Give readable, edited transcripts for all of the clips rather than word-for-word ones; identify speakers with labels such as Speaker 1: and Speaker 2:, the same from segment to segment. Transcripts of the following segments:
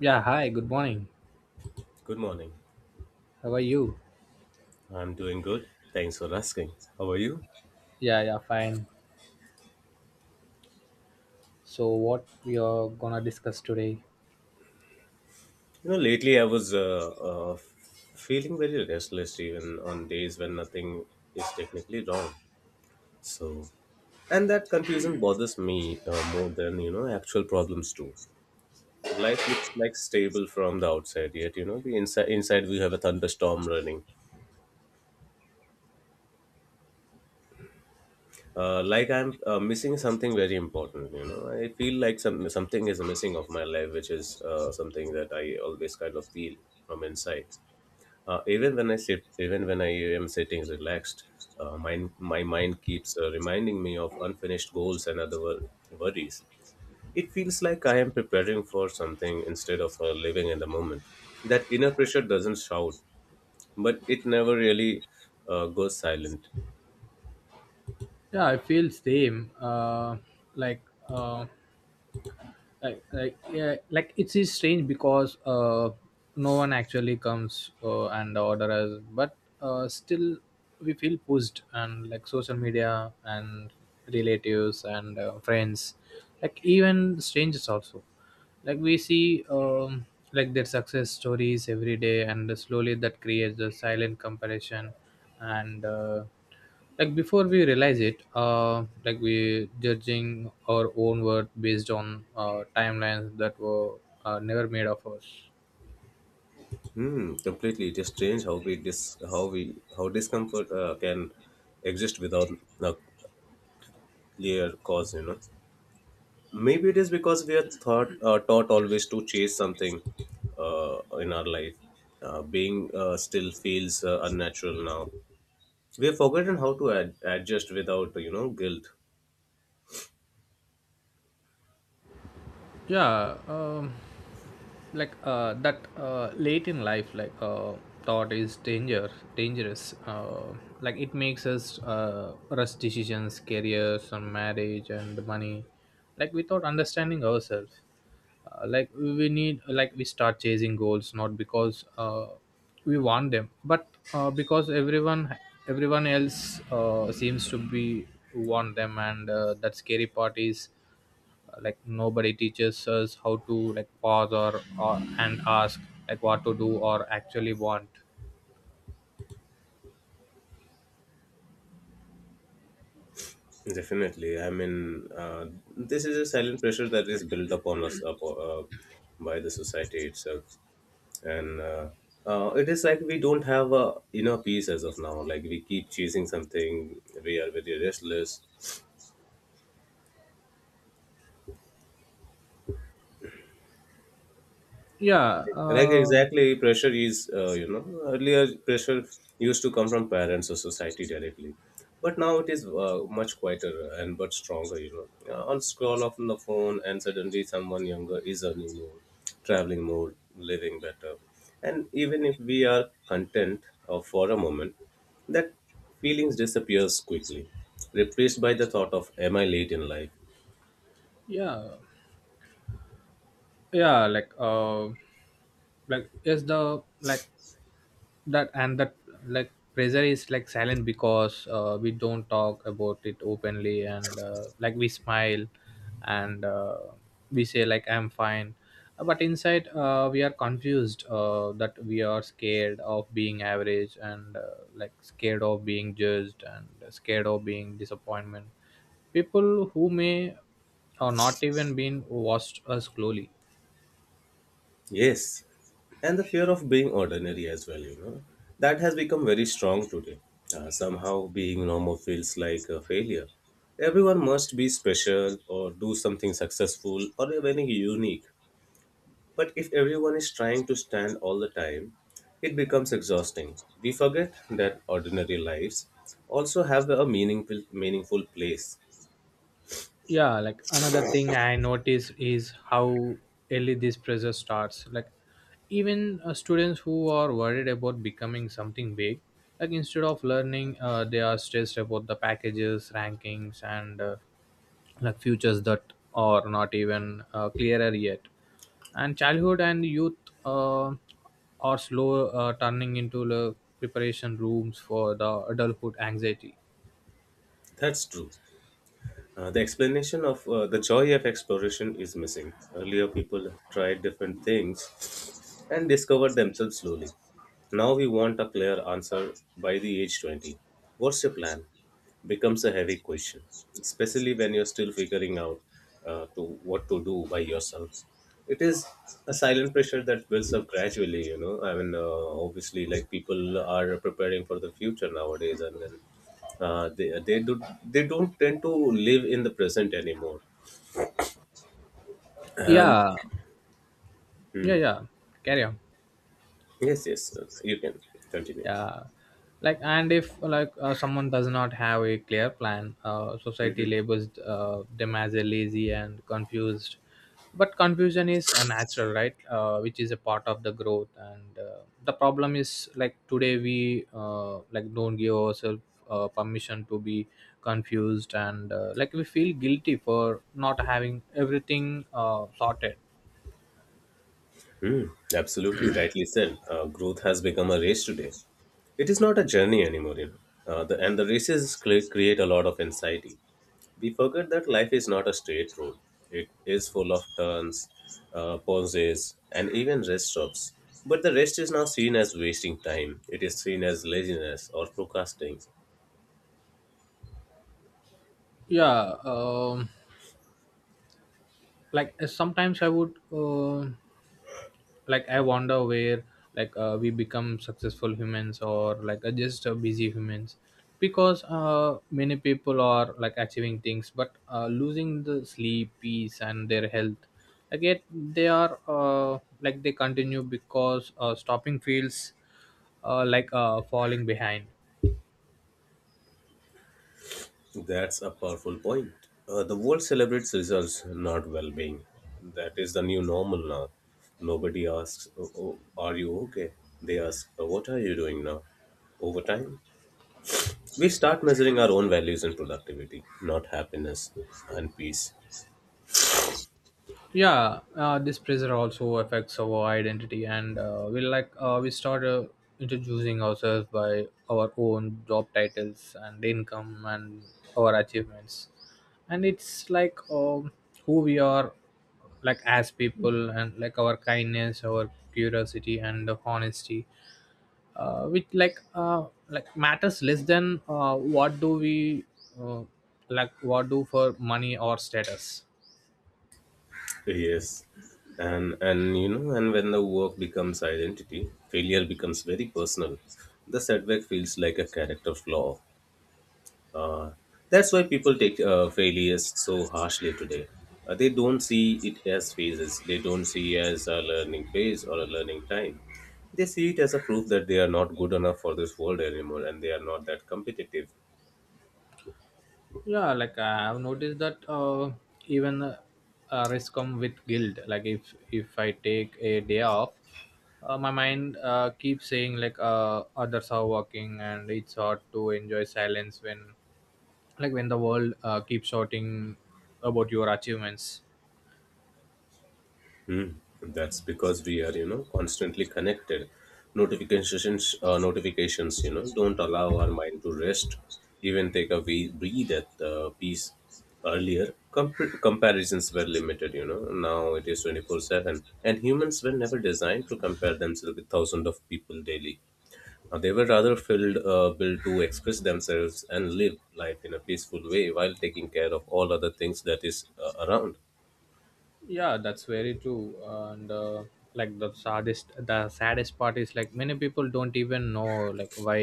Speaker 1: Yeah, hi, good morning.
Speaker 2: Good morning.
Speaker 1: How are you?
Speaker 2: I'm doing good. Thanks for asking. How are you?
Speaker 1: Yeah, yeah, fine. So what we are gonna discuss today?
Speaker 2: You know, lately I was feeling very restless even on days when nothing is technically wrong. So, and that confusion bothers me more than, you know, actual problems do. Life looks like stable from the outside, yet, you know, the inside we have a thunderstorm running. Like I'm missing something very important. You know, I feel like something is missing of my life, which is something that I always kind of feel from inside. Even when I am sitting relaxed, my mind keeps reminding me of unfinished goals and other worries. It feels like I am preparing for something instead of living in the moment. That inner pressure doesn't shout, but it never really goes silent.
Speaker 1: Yeah, I feel same. Like uh, like yeah like it is strange because no one actually comes and order us but still we feel pushed and like social media and relatives and friends like even strangers also like we see like their success stories every day and slowly that creates a silent comparison and like before we realize it like we judging our own worth based on timelines that were never made of us.
Speaker 2: Hmm, completely. It is strange how we dis how we how discomfort can exist without a clear cause. You know, maybe it is because we are thought taught always to chase something uh, in our life. Being still feels unnatural now. We have forgotten how to adjust without, you know, guilt.
Speaker 1: Yeah, like that late in life like thought is dangerous, like it makes us rush decisions careers and marriage and money like without understanding ourselves. Like we need like we start chasing goals not because we want them but because everyone else seems to be want them and that scary part is like nobody teaches us how to like pause or and ask like what to do or actually want.
Speaker 2: Definitely. I mean, this is a silent pressure that is built upon us by the society itself. And it is like we don't have a inner peace as of now. Like, we keep chasing something, we are very restless.
Speaker 1: Yeah.
Speaker 2: Like,
Speaker 1: uh,
Speaker 2: exactly, pressure is, you know, earlier pressure used to come from parents or society directly, but now it is much quieter and but stronger, you know. On scroll off on the phone and suddenly someone younger is earning more, traveling more, living better, and even if we are content for a moment, that feelings disappears quickly, replaced by the thought of am I late in life.
Speaker 1: yeah, yeah, like yes, the like that and that like pressure is like silent because we don't talk about it openly and like we smile and we say like I'm fine, but inside we are confused that we are scared of being average and like scared of being judged and scared of being disappointment people who may or not even been watched us slowly.
Speaker 2: Yes, and the fear of being ordinary as well, you know, that has become very strong today. Somehow, being normal feels like a failure. Everyone must be special or do something successful or even unique. But if everyone is trying to stand all the time, it becomes exhausting. We forget that ordinary lives also have a meaningful place.
Speaker 1: Yeah, like another thing I notice is how early this pressure starts, like even students who are worried about becoming something big, like instead of learning, they are stressed about the packages rankings and like futures that are not even clearer yet. And childhood and youth uh, are slow turning into the preparation rooms for the adulthood anxiety.
Speaker 2: That's true. The explanation of the joy of exploration is missing. Earlier, people tried different things and discovered themselves slowly. Now, we want a clear answer by the age 20. What's your plan? Becomes a heavy question, especially when you're still figuring out to what to do by yourself. It is a silent pressure that builds up gradually. You know, I mean, obviously, like, people are preparing for the future nowadays, and then they don't tend to live in the present anymore. Uh,
Speaker 1: Yeah, yeah,
Speaker 2: hmm.
Speaker 1: yeah, carry on.
Speaker 2: Yes, yes, you can continue.
Speaker 1: Yeah, like, and if like someone does not have a clear plan, society labels them as a lazy and confused, but confusion is a natural right which is a part of the growth. And the problem is like today we like don't give ourselves permission to be confused, and like we feel guilty for not having everything sorted.
Speaker 2: Hmm, absolutely rightly said. Growth has become a race today. It is not a journey anymore, you know. And the races create a lot of anxiety. We forget that life is not a straight road. It is full of turns, pauses, and even rest stops. But the rest is now seen as wasting time. It is seen as laziness or procrastinating.
Speaker 1: Yeah. Like sometimes I would like I wonder where like we become successful humans or like just busy humans, because many people are like achieving things but losing the sleep peace and their health. Like yet they are, like they continue because stopping feels like falling behind.
Speaker 2: That's a powerful point. The world celebrates results, not well being. That is the new normal now. Nobody asks, "Oh, are you okay? They ask, "Oh, what are you doing now? Over time, we start measuring our own values and productivity, not happiness and peace.
Speaker 1: Yeah. This pressure also affects our identity, and we like we start introducing ourselves by our own job titles and income and our achievements. And it's like, who we are, like as people, and like our kindness our curiosity and the honesty which like matters less than what do we uh, like what do for money or status.
Speaker 2: Yes. And you know, and when the work becomes identity, failure becomes very personal. The setback feels like a character flaw. Uh, that's why people take failures so harshly today. They don't see it as phases. They don't see as a learning phase or a learning time. They see it as a proof that they are not good enough for this world anymore and they are not that competitive.
Speaker 1: Yeah, like I've noticed that even risk come with guilt, like if I take a day off, my mind keeps saying like others are working, and it's hard to enjoy silence when like when the world keeps shouting about your achievements.
Speaker 2: Hmm. That's because we are, you know, constantly connected. Notifications, you know, don't allow our mind to rest, even take a wee breathe at peace. Earlier, comparisons were limited, you know. Now it is 24/7, and humans were never designed to compare themselves with thousands of people daily. They were rather built to express themselves and live life in a peaceful way while taking care of all other things that is around.
Speaker 1: Yeah, that's very true. And like the saddest part is like many people don't even know like why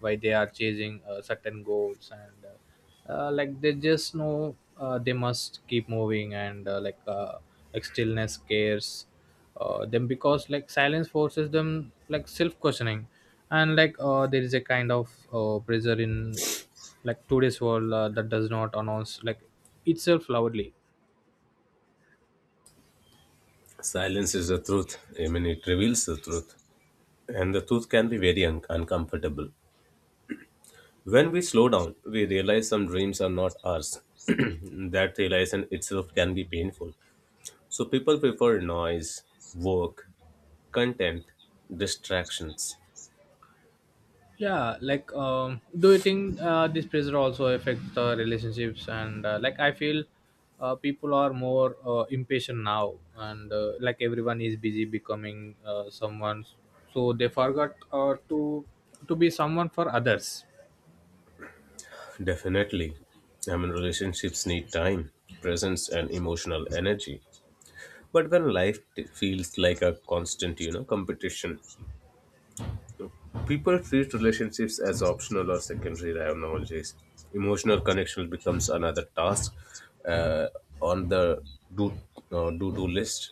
Speaker 1: why they are chasing certain goals. And like they just know they must keep moving, and like stillness scares them, because like silence forces them like self questioning. And like there is a kind of pressure in like today's world that does not announce like itself loudly.
Speaker 2: Silence is the truth. I mean, it reveals the truth. And the truth can be very uncomfortable. When we slow down, we realize some dreams are not ours. That realization itself can be painful. So people prefer noise, work, content, distractions.
Speaker 1: Yeah, like, do you think this pressure also affects the relationships? And like I feel people are more impatient now, and like everyone is busy becoming someone, so they forgot to be someone for others.
Speaker 2: Definitely. I mean, relationships need time, presence, and emotional energy. But when feels like a constant, you know, competition, people treat relationships as optional or secondary technologies. Emotional connection becomes another task uh, on the do do list.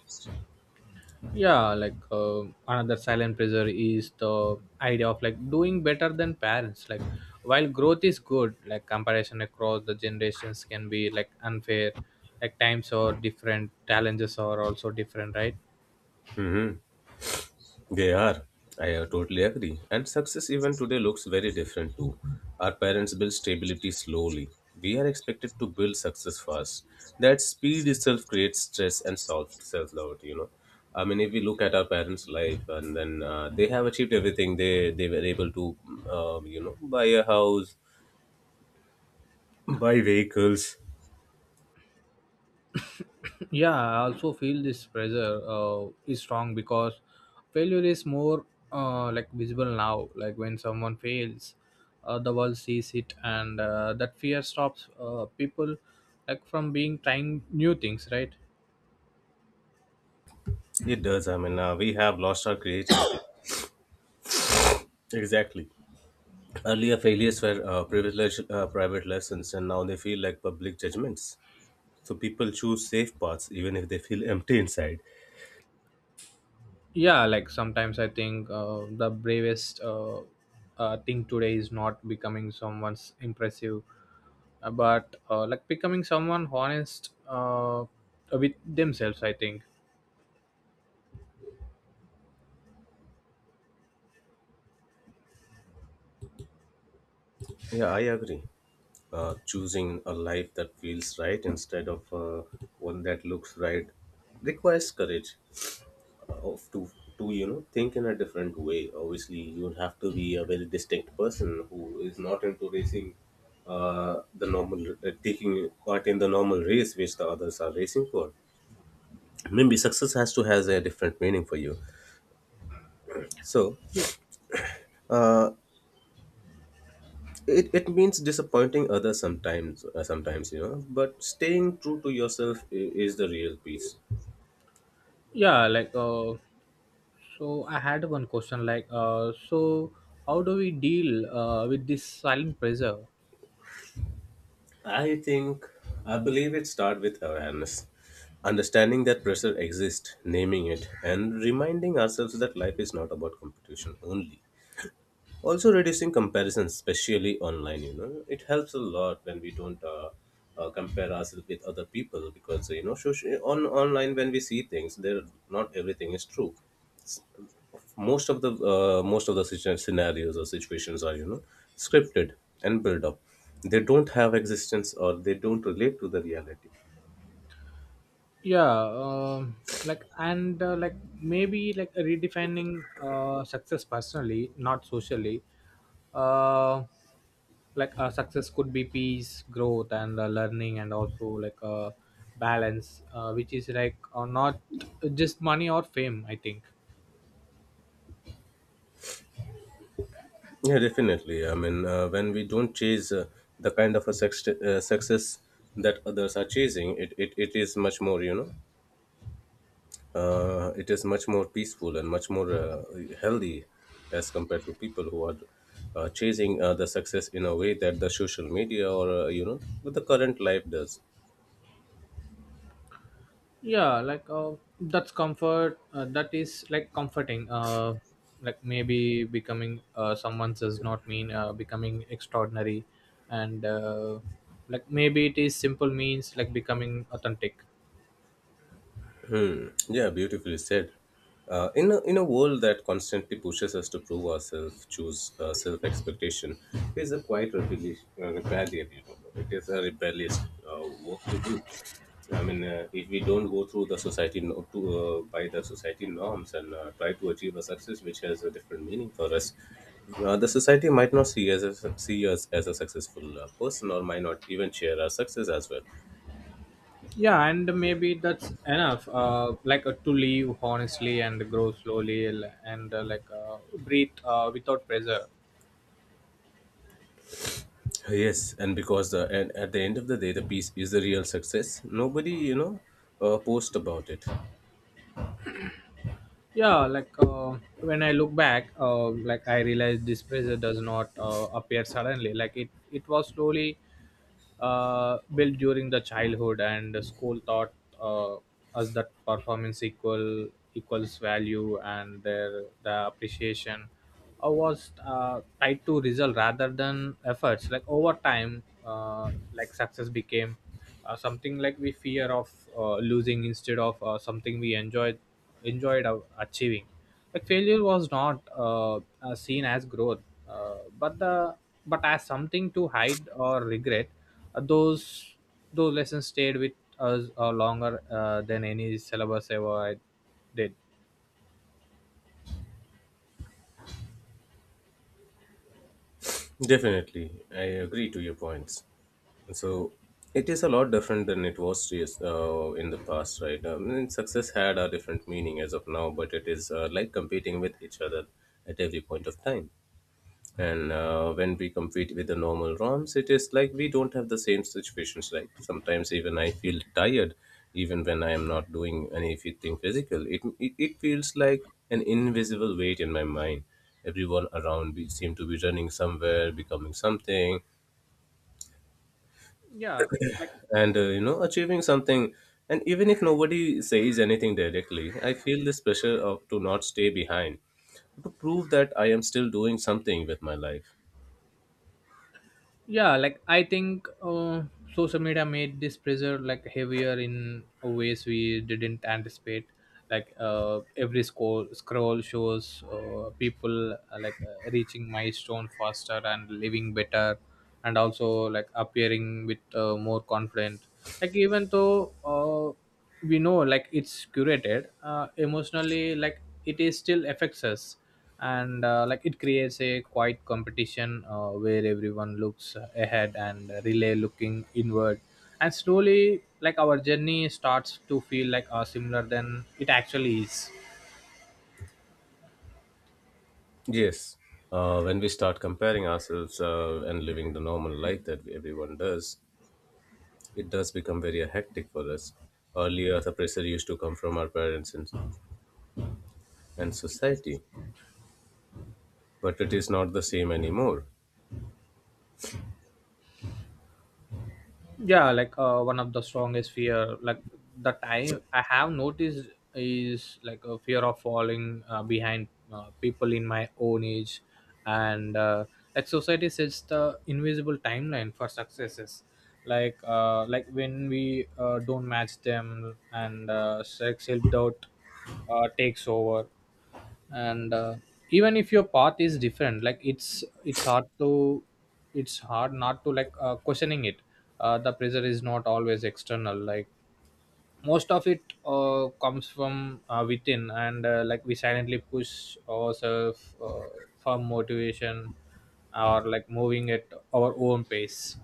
Speaker 1: Yeah, like another silent pressure is the idea of like doing better than parents. Like while growth is good, like comparison across the generations can be like unfair, like times are different, challenges are also different, right?
Speaker 2: Mhm. They are. I totally agree. And success even today looks very different too. Our parents build stability slowly. We are expected to build success fast. That speed itself creates stress and self doubt. You know, I mean, if we look at our parents' life, and then they have achieved everything. They were able to, you know, buy a house, buy vehicles.
Speaker 1: Yeah, I also feel this pressure is strong because failure is more like visible now. Like when someone fails, the world sees it, and that fear stops people like from being trying new things, right?
Speaker 2: It does. I mean, we have lost our creativity. Exactly. Earlier failures were privilege, private lessons, and now they feel like public judgments. So people choose safe paths even if they feel empty inside.
Speaker 1: Yeah, like sometimes I think the bravest, thing today is not becoming someone's impressive, but like becoming someone honest with themselves, I think.
Speaker 2: Yeah, I agree. Choosing a life that feels right instead of one that looks right requires courage of to you know, think in a different way. Obviously, you have to be a very distinct person who is not into racing the normal taking part in the normal race which the others are racing for. Maybe success has to has a different meaning for you, so
Speaker 1: Yeah,
Speaker 2: uh, it, it means disappointing others sometimes, you know, but staying true to yourself is the real peace.
Speaker 1: yeah. Like so I had one question, like so how do we deal with this silent pressure?
Speaker 2: I think, I believe it starts with awareness, understanding that pressure exists, naming it, and reminding ourselves that life is not about competition only. Also reducing comparisons, especially online, you know, it helps a lot when we don't compare ourselves with other people, because, you know, on online when we see things there, not everything is true. Most of the scenarios or situations are, you know, scripted and built up. They don't have existence or they don't relate to the reality.
Speaker 1: Yeah. Like, and like maybe like redefining success personally, not socially. uh like success could be peace growth and learning, and also like balance which is like not just money or fame, I think.
Speaker 2: Yeah, definitely. I mean, when we don't chase the kind of a success that others are chasing, it it is much more, you know, it is much more peaceful and much more healthy as compared to people who are chasing the success in a way that the social media, or you know, with the current life does.
Speaker 1: Yeah, like that's comfort, that is like comforting, like maybe becoming someone does not mean becoming extraordinary, and like maybe it is simple means like becoming authentic.
Speaker 2: Yeah, beautifully said. In a world that constantly pushes us to prove ourselves, choose self expectation is a quite rebellion. You know, it is a rebellious work to do. I mean, if we don't go through the society no, to by the society norms and try to achieve a success which has a different meaning for us, the society might not see us as a successful person or might not even share our success as well.
Speaker 1: Yeah, and maybe that's enough, like to live honestly and grow slowly and like breathe without pressure.
Speaker 2: Yes, and because the and at the end of the day, the piece is the real success. Nobody, you know, post about it.
Speaker 1: Yeah, like when I look back, like I realized this pressure does not appear suddenly. Like it was slowly built during the childhood, and school taught uh, us that performance equals value, and their the appreciation was tied to result rather than efforts. Like over time, like success became something like we fear of losing instead of something we enjoyed of achieving. Like failure was not, seen as growth, but the but as something to hide or regret. uh, those those lessons stayed with us longer than any syllabus ever did.
Speaker 2: Definitely, I agree to your points. So it is a lot different than it was, yes, in the past, right? I mean, success had a different meaning as of now, but it is like competing with each other at every point of time. And when we compete with the normal ROMs, it is like we don't have the same situations, right? Sometimes even I feel tired, even when I am not doing anything physical. It feels like an invisible weight in my mind. Everyone around me seem to be running somewhere, becoming something,
Speaker 1: Yeah,
Speaker 2: and you know, achieving something. And even if nobody says anything directly, I feel this pressure of to not stay behind, to prove that I am still doing something with my life.
Speaker 1: yeah, like I think social media made this pressure like heavier in ways we didn't anticipate. Like every scroll shows people like reaching milestone faster and living better, and also like appearing with more confident, like even though uh, we know like it's curated emotionally, like it is still affects us. And like it creates a quiet competition where everyone looks ahead and relay looking inward, and slowly like our journey starts to feel like similar than it actually is.
Speaker 2: Yes. When we start comparing ourselves and living the normal life that everyone does, it does become very hectic for us. Earlier, the pressure used to come from our parents and society, but it is not the same anymore.
Speaker 1: Yeah, like one of the strongest fear like the time I have noticed is like a fear of falling behind people in my own age. And like society sets the invisible timeline for successes, like when we don't match them, and self doubt takes over. And even if your path is different, like it's hard to it's hard not to like questioning it. The pressure is not always external, like most of it comes from within, and like we silently push ourselves for motivation or like moving at our own pace.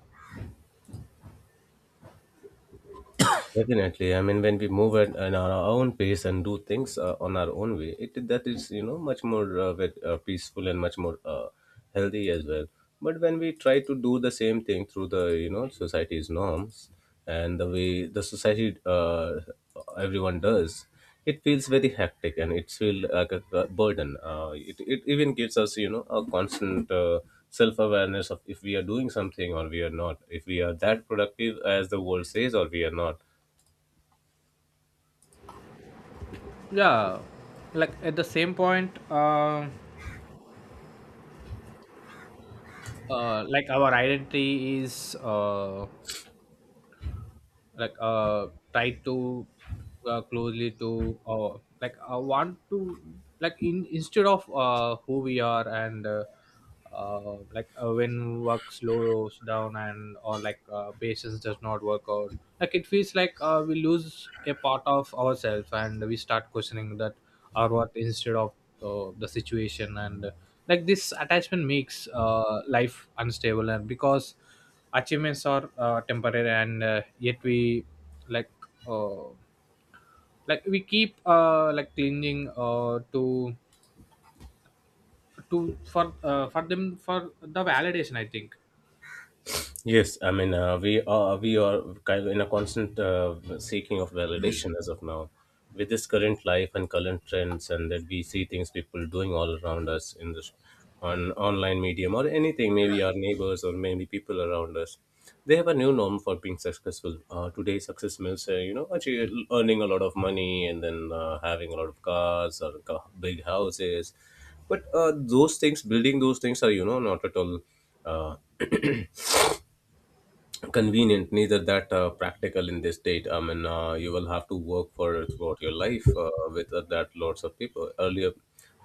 Speaker 2: Definitely. I mean, when we move at our own pace and do things on our own way, it that is you know much more peaceful and much more healthy as well. But when we try to do the same thing through the society's norms and the way the society everyone does, it feels very hectic and it feels like a burden. It even gives us a constant. Self-awareness of if we are doing something or we are not, if we are that productive as the world says or we are not.
Speaker 1: Yeah, like at the same point, like our identity is like tied to closely to like want to, like in instead of who we are. And, like when work slows down and or like patience does not work out, like it feels like we lose a part of ourselves, and we start questioning that our worth instead of the situation. And like this attachment makes life unstable, and because achievements are temporary, and yet we like uh, like we keep like clinging to for them for the validation, I think.
Speaker 2: Yes, I mean we are kind of in a constant seeking of validation as of now, with this current life and current trends, and that we see things people doing all around us in this on online medium or anything, maybe our neighbors or maybe people around us. They have a new norm for being successful. Today, success means actually earning a lot of money and then having a lot of cars or big houses, but those things, building those things, are not at all uh, convenient, neither that practical in this state. I mean, you will have to work for throughout your life with that lots of people earlier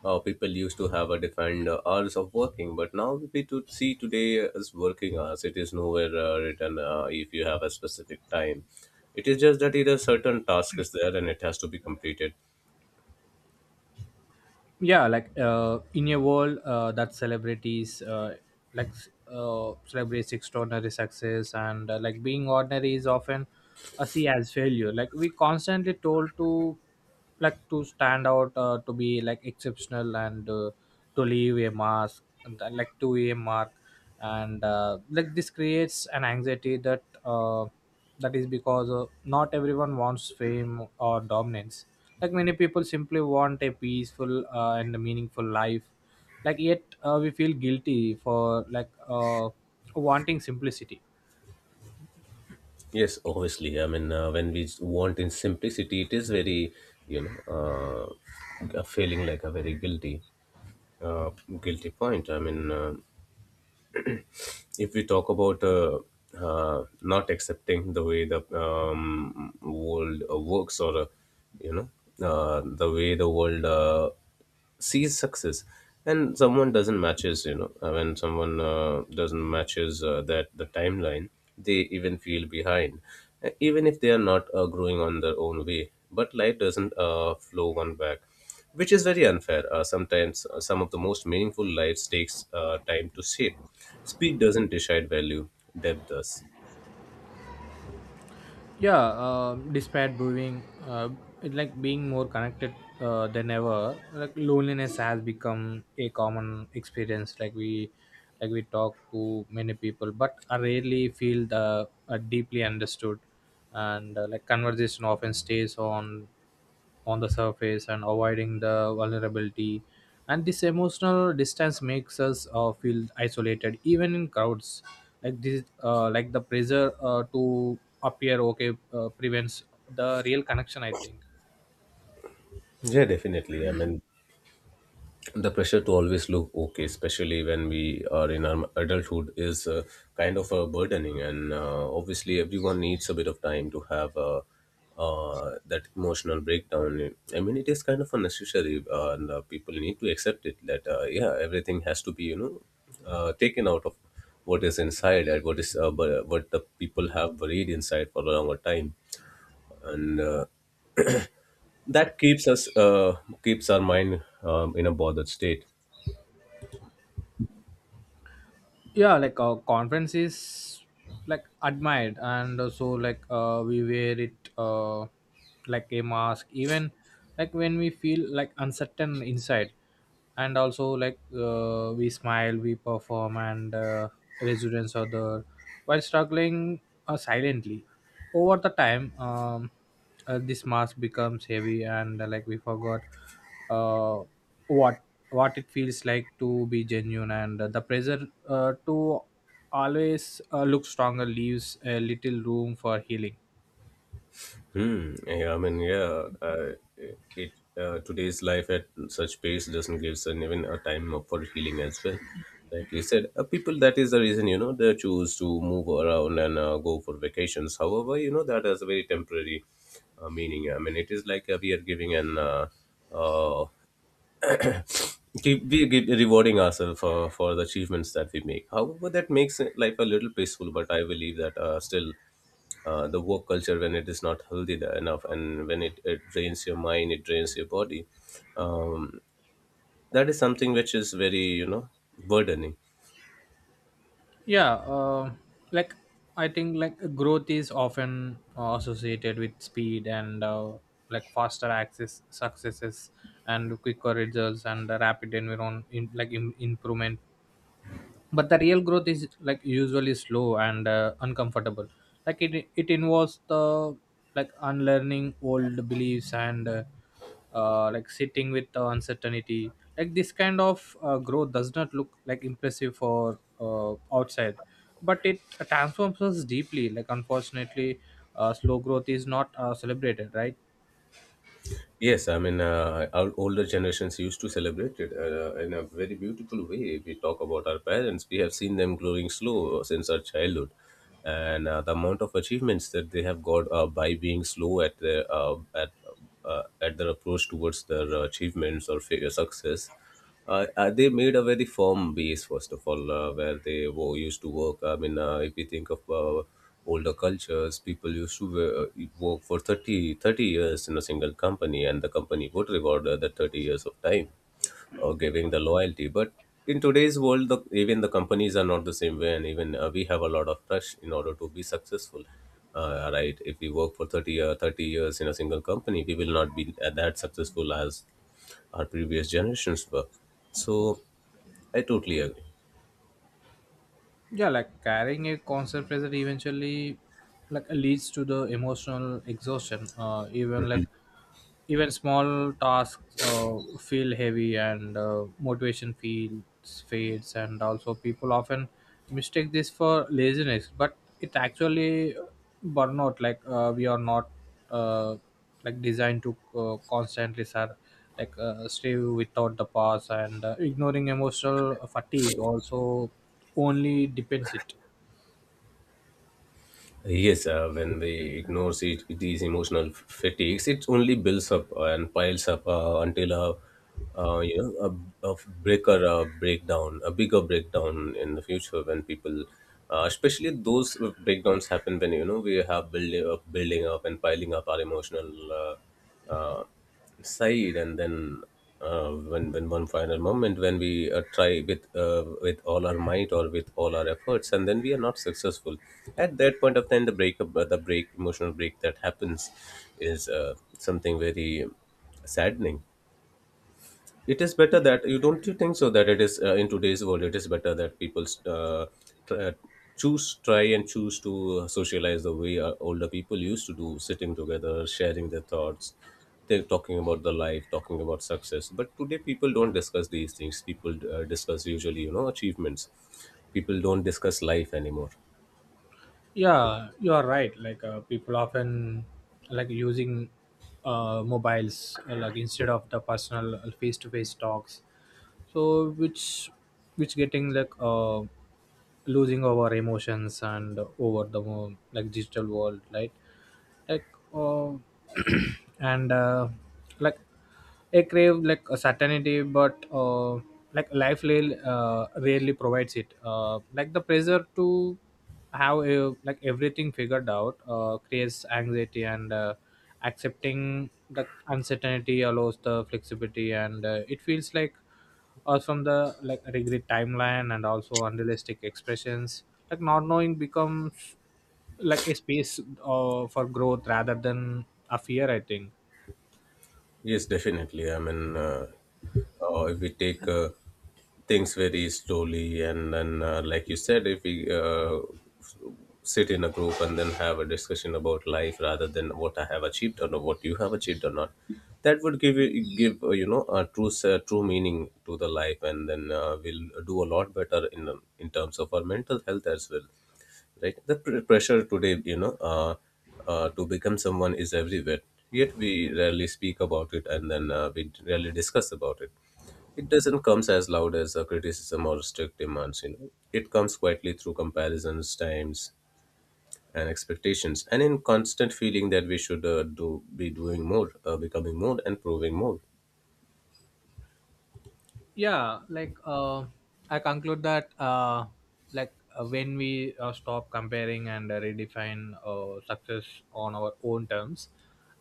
Speaker 2: people used to have a defined hours of working, but now we to see today as working hours, it is nowhere written if you have a specific time. It is just that either certain task is there and it has to be completed.
Speaker 1: Yeah, like in a world that celebrities like celebrates extraordinary success, and like being ordinary is often a see as failure. Like we constantly told to like to stand out, to be like exceptional, and to leave a mask, and, like to a mark. And like this creates an anxiety that that is because not everyone wants fame or dominance. Like many people simply want a peaceful and a meaningful life, like yet we feel guilty for like wanting simplicity.
Speaker 2: Yes, obviously, I mean when we want in simplicity, it is very you know feeling like a very uh, guilty point. I mean, if we talk about not accepting the way the world works, or you know the way the world sees success, and someone doesn't matches, when someone doesn't matches that the timeline, they even feel behind, even if they are not growing on their own way, but life doesn't flow one back, which is very unfair. Sometimes some of the most meaningful lives takes time to shape. Speed doesn't decide value, depth does.
Speaker 1: Yeah, despite being it like being more connected than ever, like loneliness has become a common experience. Like we like we talk to many people, but I rarely feel the deeply understood. And like conversation often stays on the surface and avoiding the vulnerability, and this emotional distance makes us feel isolated even in crowds. Like this like the pressure to appear okay prevents the real connection, I think.
Speaker 2: Yeah, definitely. I mean, the pressure to always look okay, especially when we are in our adulthood, is kind of burdening. And obviously, everyone needs a bit of time to have that emotional breakdown. I mean, it is kind of unnecessary, and people need to accept it, that yeah, everything has to be, you know, taken out of what is inside, and what is what the people have buried inside for a longer time. And that keeps us keeps our mind in a bothered state.
Speaker 1: Yeah, like conference is like admired, and so like we wear it like a mask, even like when we feel like uncertain inside. And also like we smile we perform, and residents are there while struggling silently. Over the time, this mask becomes heavy, and like we forgot uh, what what it feels like to be genuine. And the pressure to always look stronger leaves a little room for healing.
Speaker 2: Hmm. Yeah, I mean, yeah it today's life at such pace doesn't give us even a time for healing as well. Like you said, people, that is the reason, you know, they choose to move around and go for vacations. However, you know, that has a very temporary meaning. I mean, it is like we are giving an uh, we keep rewarding ourselves for the achievements that we make. However, that makes it life a little peaceful, but I believe that still the work culture, when it is not healthy there enough, and when it drains your mind, it drains your body, um, that is something which is very, you know, burdening.
Speaker 1: Yeah. Like I think like growth is often associated with speed and like faster access successes and quicker results and the rapid environment in, like im improvement. But the real growth is like usually slow and uncomfortable. Like it involves the like unlearning old beliefs and like sitting with the uncertainty. Like this kind of growth does not look like impressive for outside, but it transforms us deeply. Like unfortunately slow growth is not celebrated, right?
Speaker 2: Yes, I mean, our older generations used to celebrate it in a very beautiful way. If we talk about our parents, we have seen them growing slow since our childhood, and the amount of achievements that they have got by being slow at their at their approach towards their achievements or failure success. They made a very firm base first of all, where they used to work. I mean, if we think of older cultures, people used to work for 30 30 years in a single company, and the company would reward the 30 years of time or giving the loyalty. But in today's world, the, even the companies are not the same way, and even we have a lot of rush in order to be successful, right? If we work for 30 years in a single company, we will not be that successful as our previous generations were. So I totally agree.
Speaker 1: Yeah, like carrying a constant pressure eventually like leads to the emotional exhaustion. Even like even small tasks feel heavy, and motivation feels fades, and also people often mistake this for laziness, but it actually burnout. Like we are not, uh, like designed to constantly like stay without the pause, and ignoring emotional fatigue also only depends it.
Speaker 2: Yes, when we ignore it, these emotional fatigues, it only builds up and piles up until you know, a breaker a breakdown, a bigger breakdown in the future, when people, especially those breakdowns happen when, you know, we have building up and piling up our emotional uh, uh, side, and then when one final moment when we try with all our might or with all our efforts, and then we are not successful. At that point of time, the breakup the break, emotional break that happens is something very saddening. It is better that you don't, you think so, that it is, in today's world, it is better that people try, try and choose to socialize the way older people used to do, sitting together, sharing their thoughts, they're talking about the life, talking about success. But today people don't discuss these things. People discuss usually, you know, achievements. People don't discuss life anymore.
Speaker 1: Yeah, you are right. Like people often like using mobiles like instead of the personal face to face talks, so which getting like losing our emotions and over the like digital world, right? Like uh, and like I crave like a certainty, but like life really, rarely provides it. Like the pressure to have like everything figured out creates anxiety, and accepting the uncertainty allows the flexibility, and it feels like from the like regret timeline and also unrealistic expressions. Like not knowing becomes like a space for growth rather than a fear, I think.
Speaker 2: Yes, definitely, I mean, if we take things very slowly, and then like you said, if we sit in a group and then have a discussion about life rather than what I have achieved or what you have achieved or not. That would give you know a true meaning to the life, and then we'll do a lot better in terms of our mental health as well, right? The pressure today, you know, to become someone is everywhere. Yet we rarely speak about it, and then we rarely discuss about it. It doesn't comes as loud as a criticism or strict demands. You know, it comes quietly through comparisons, times, and expectations, and in constant feeling that we should do be doing more, becoming more, and proving more.
Speaker 1: Yeah, like I conclude that like when we stop comparing and redefine success on our own terms,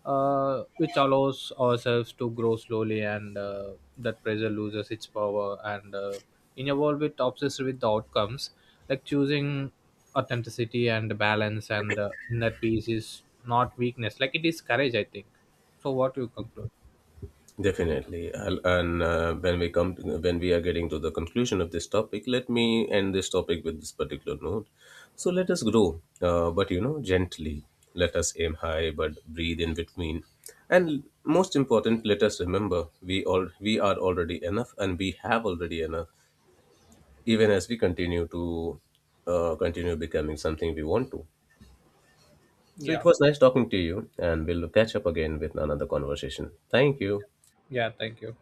Speaker 1: which allows ourselves to grow slowly, and that pressure loses its power. And in a world with obsessed with the outcomes, like choosing authenticity and balance and inner peace is not weakness, like it is courage, I think. So what you conclude?
Speaker 2: Definitely, I'll- and when we come to, when we are getting to the conclusion of this topic, let me end this topic with this particular note. So let us grow, but you know gently. Let us aim high, but breathe in between. And most important, let us remember we are already enough, and we have already enough, even as we continue to continue becoming something we want to. So it
Speaker 1: Yeah.
Speaker 2: was nice talking to you, and we'll catch up again with another conversation. Thank you.
Speaker 1: Yeah, thank you.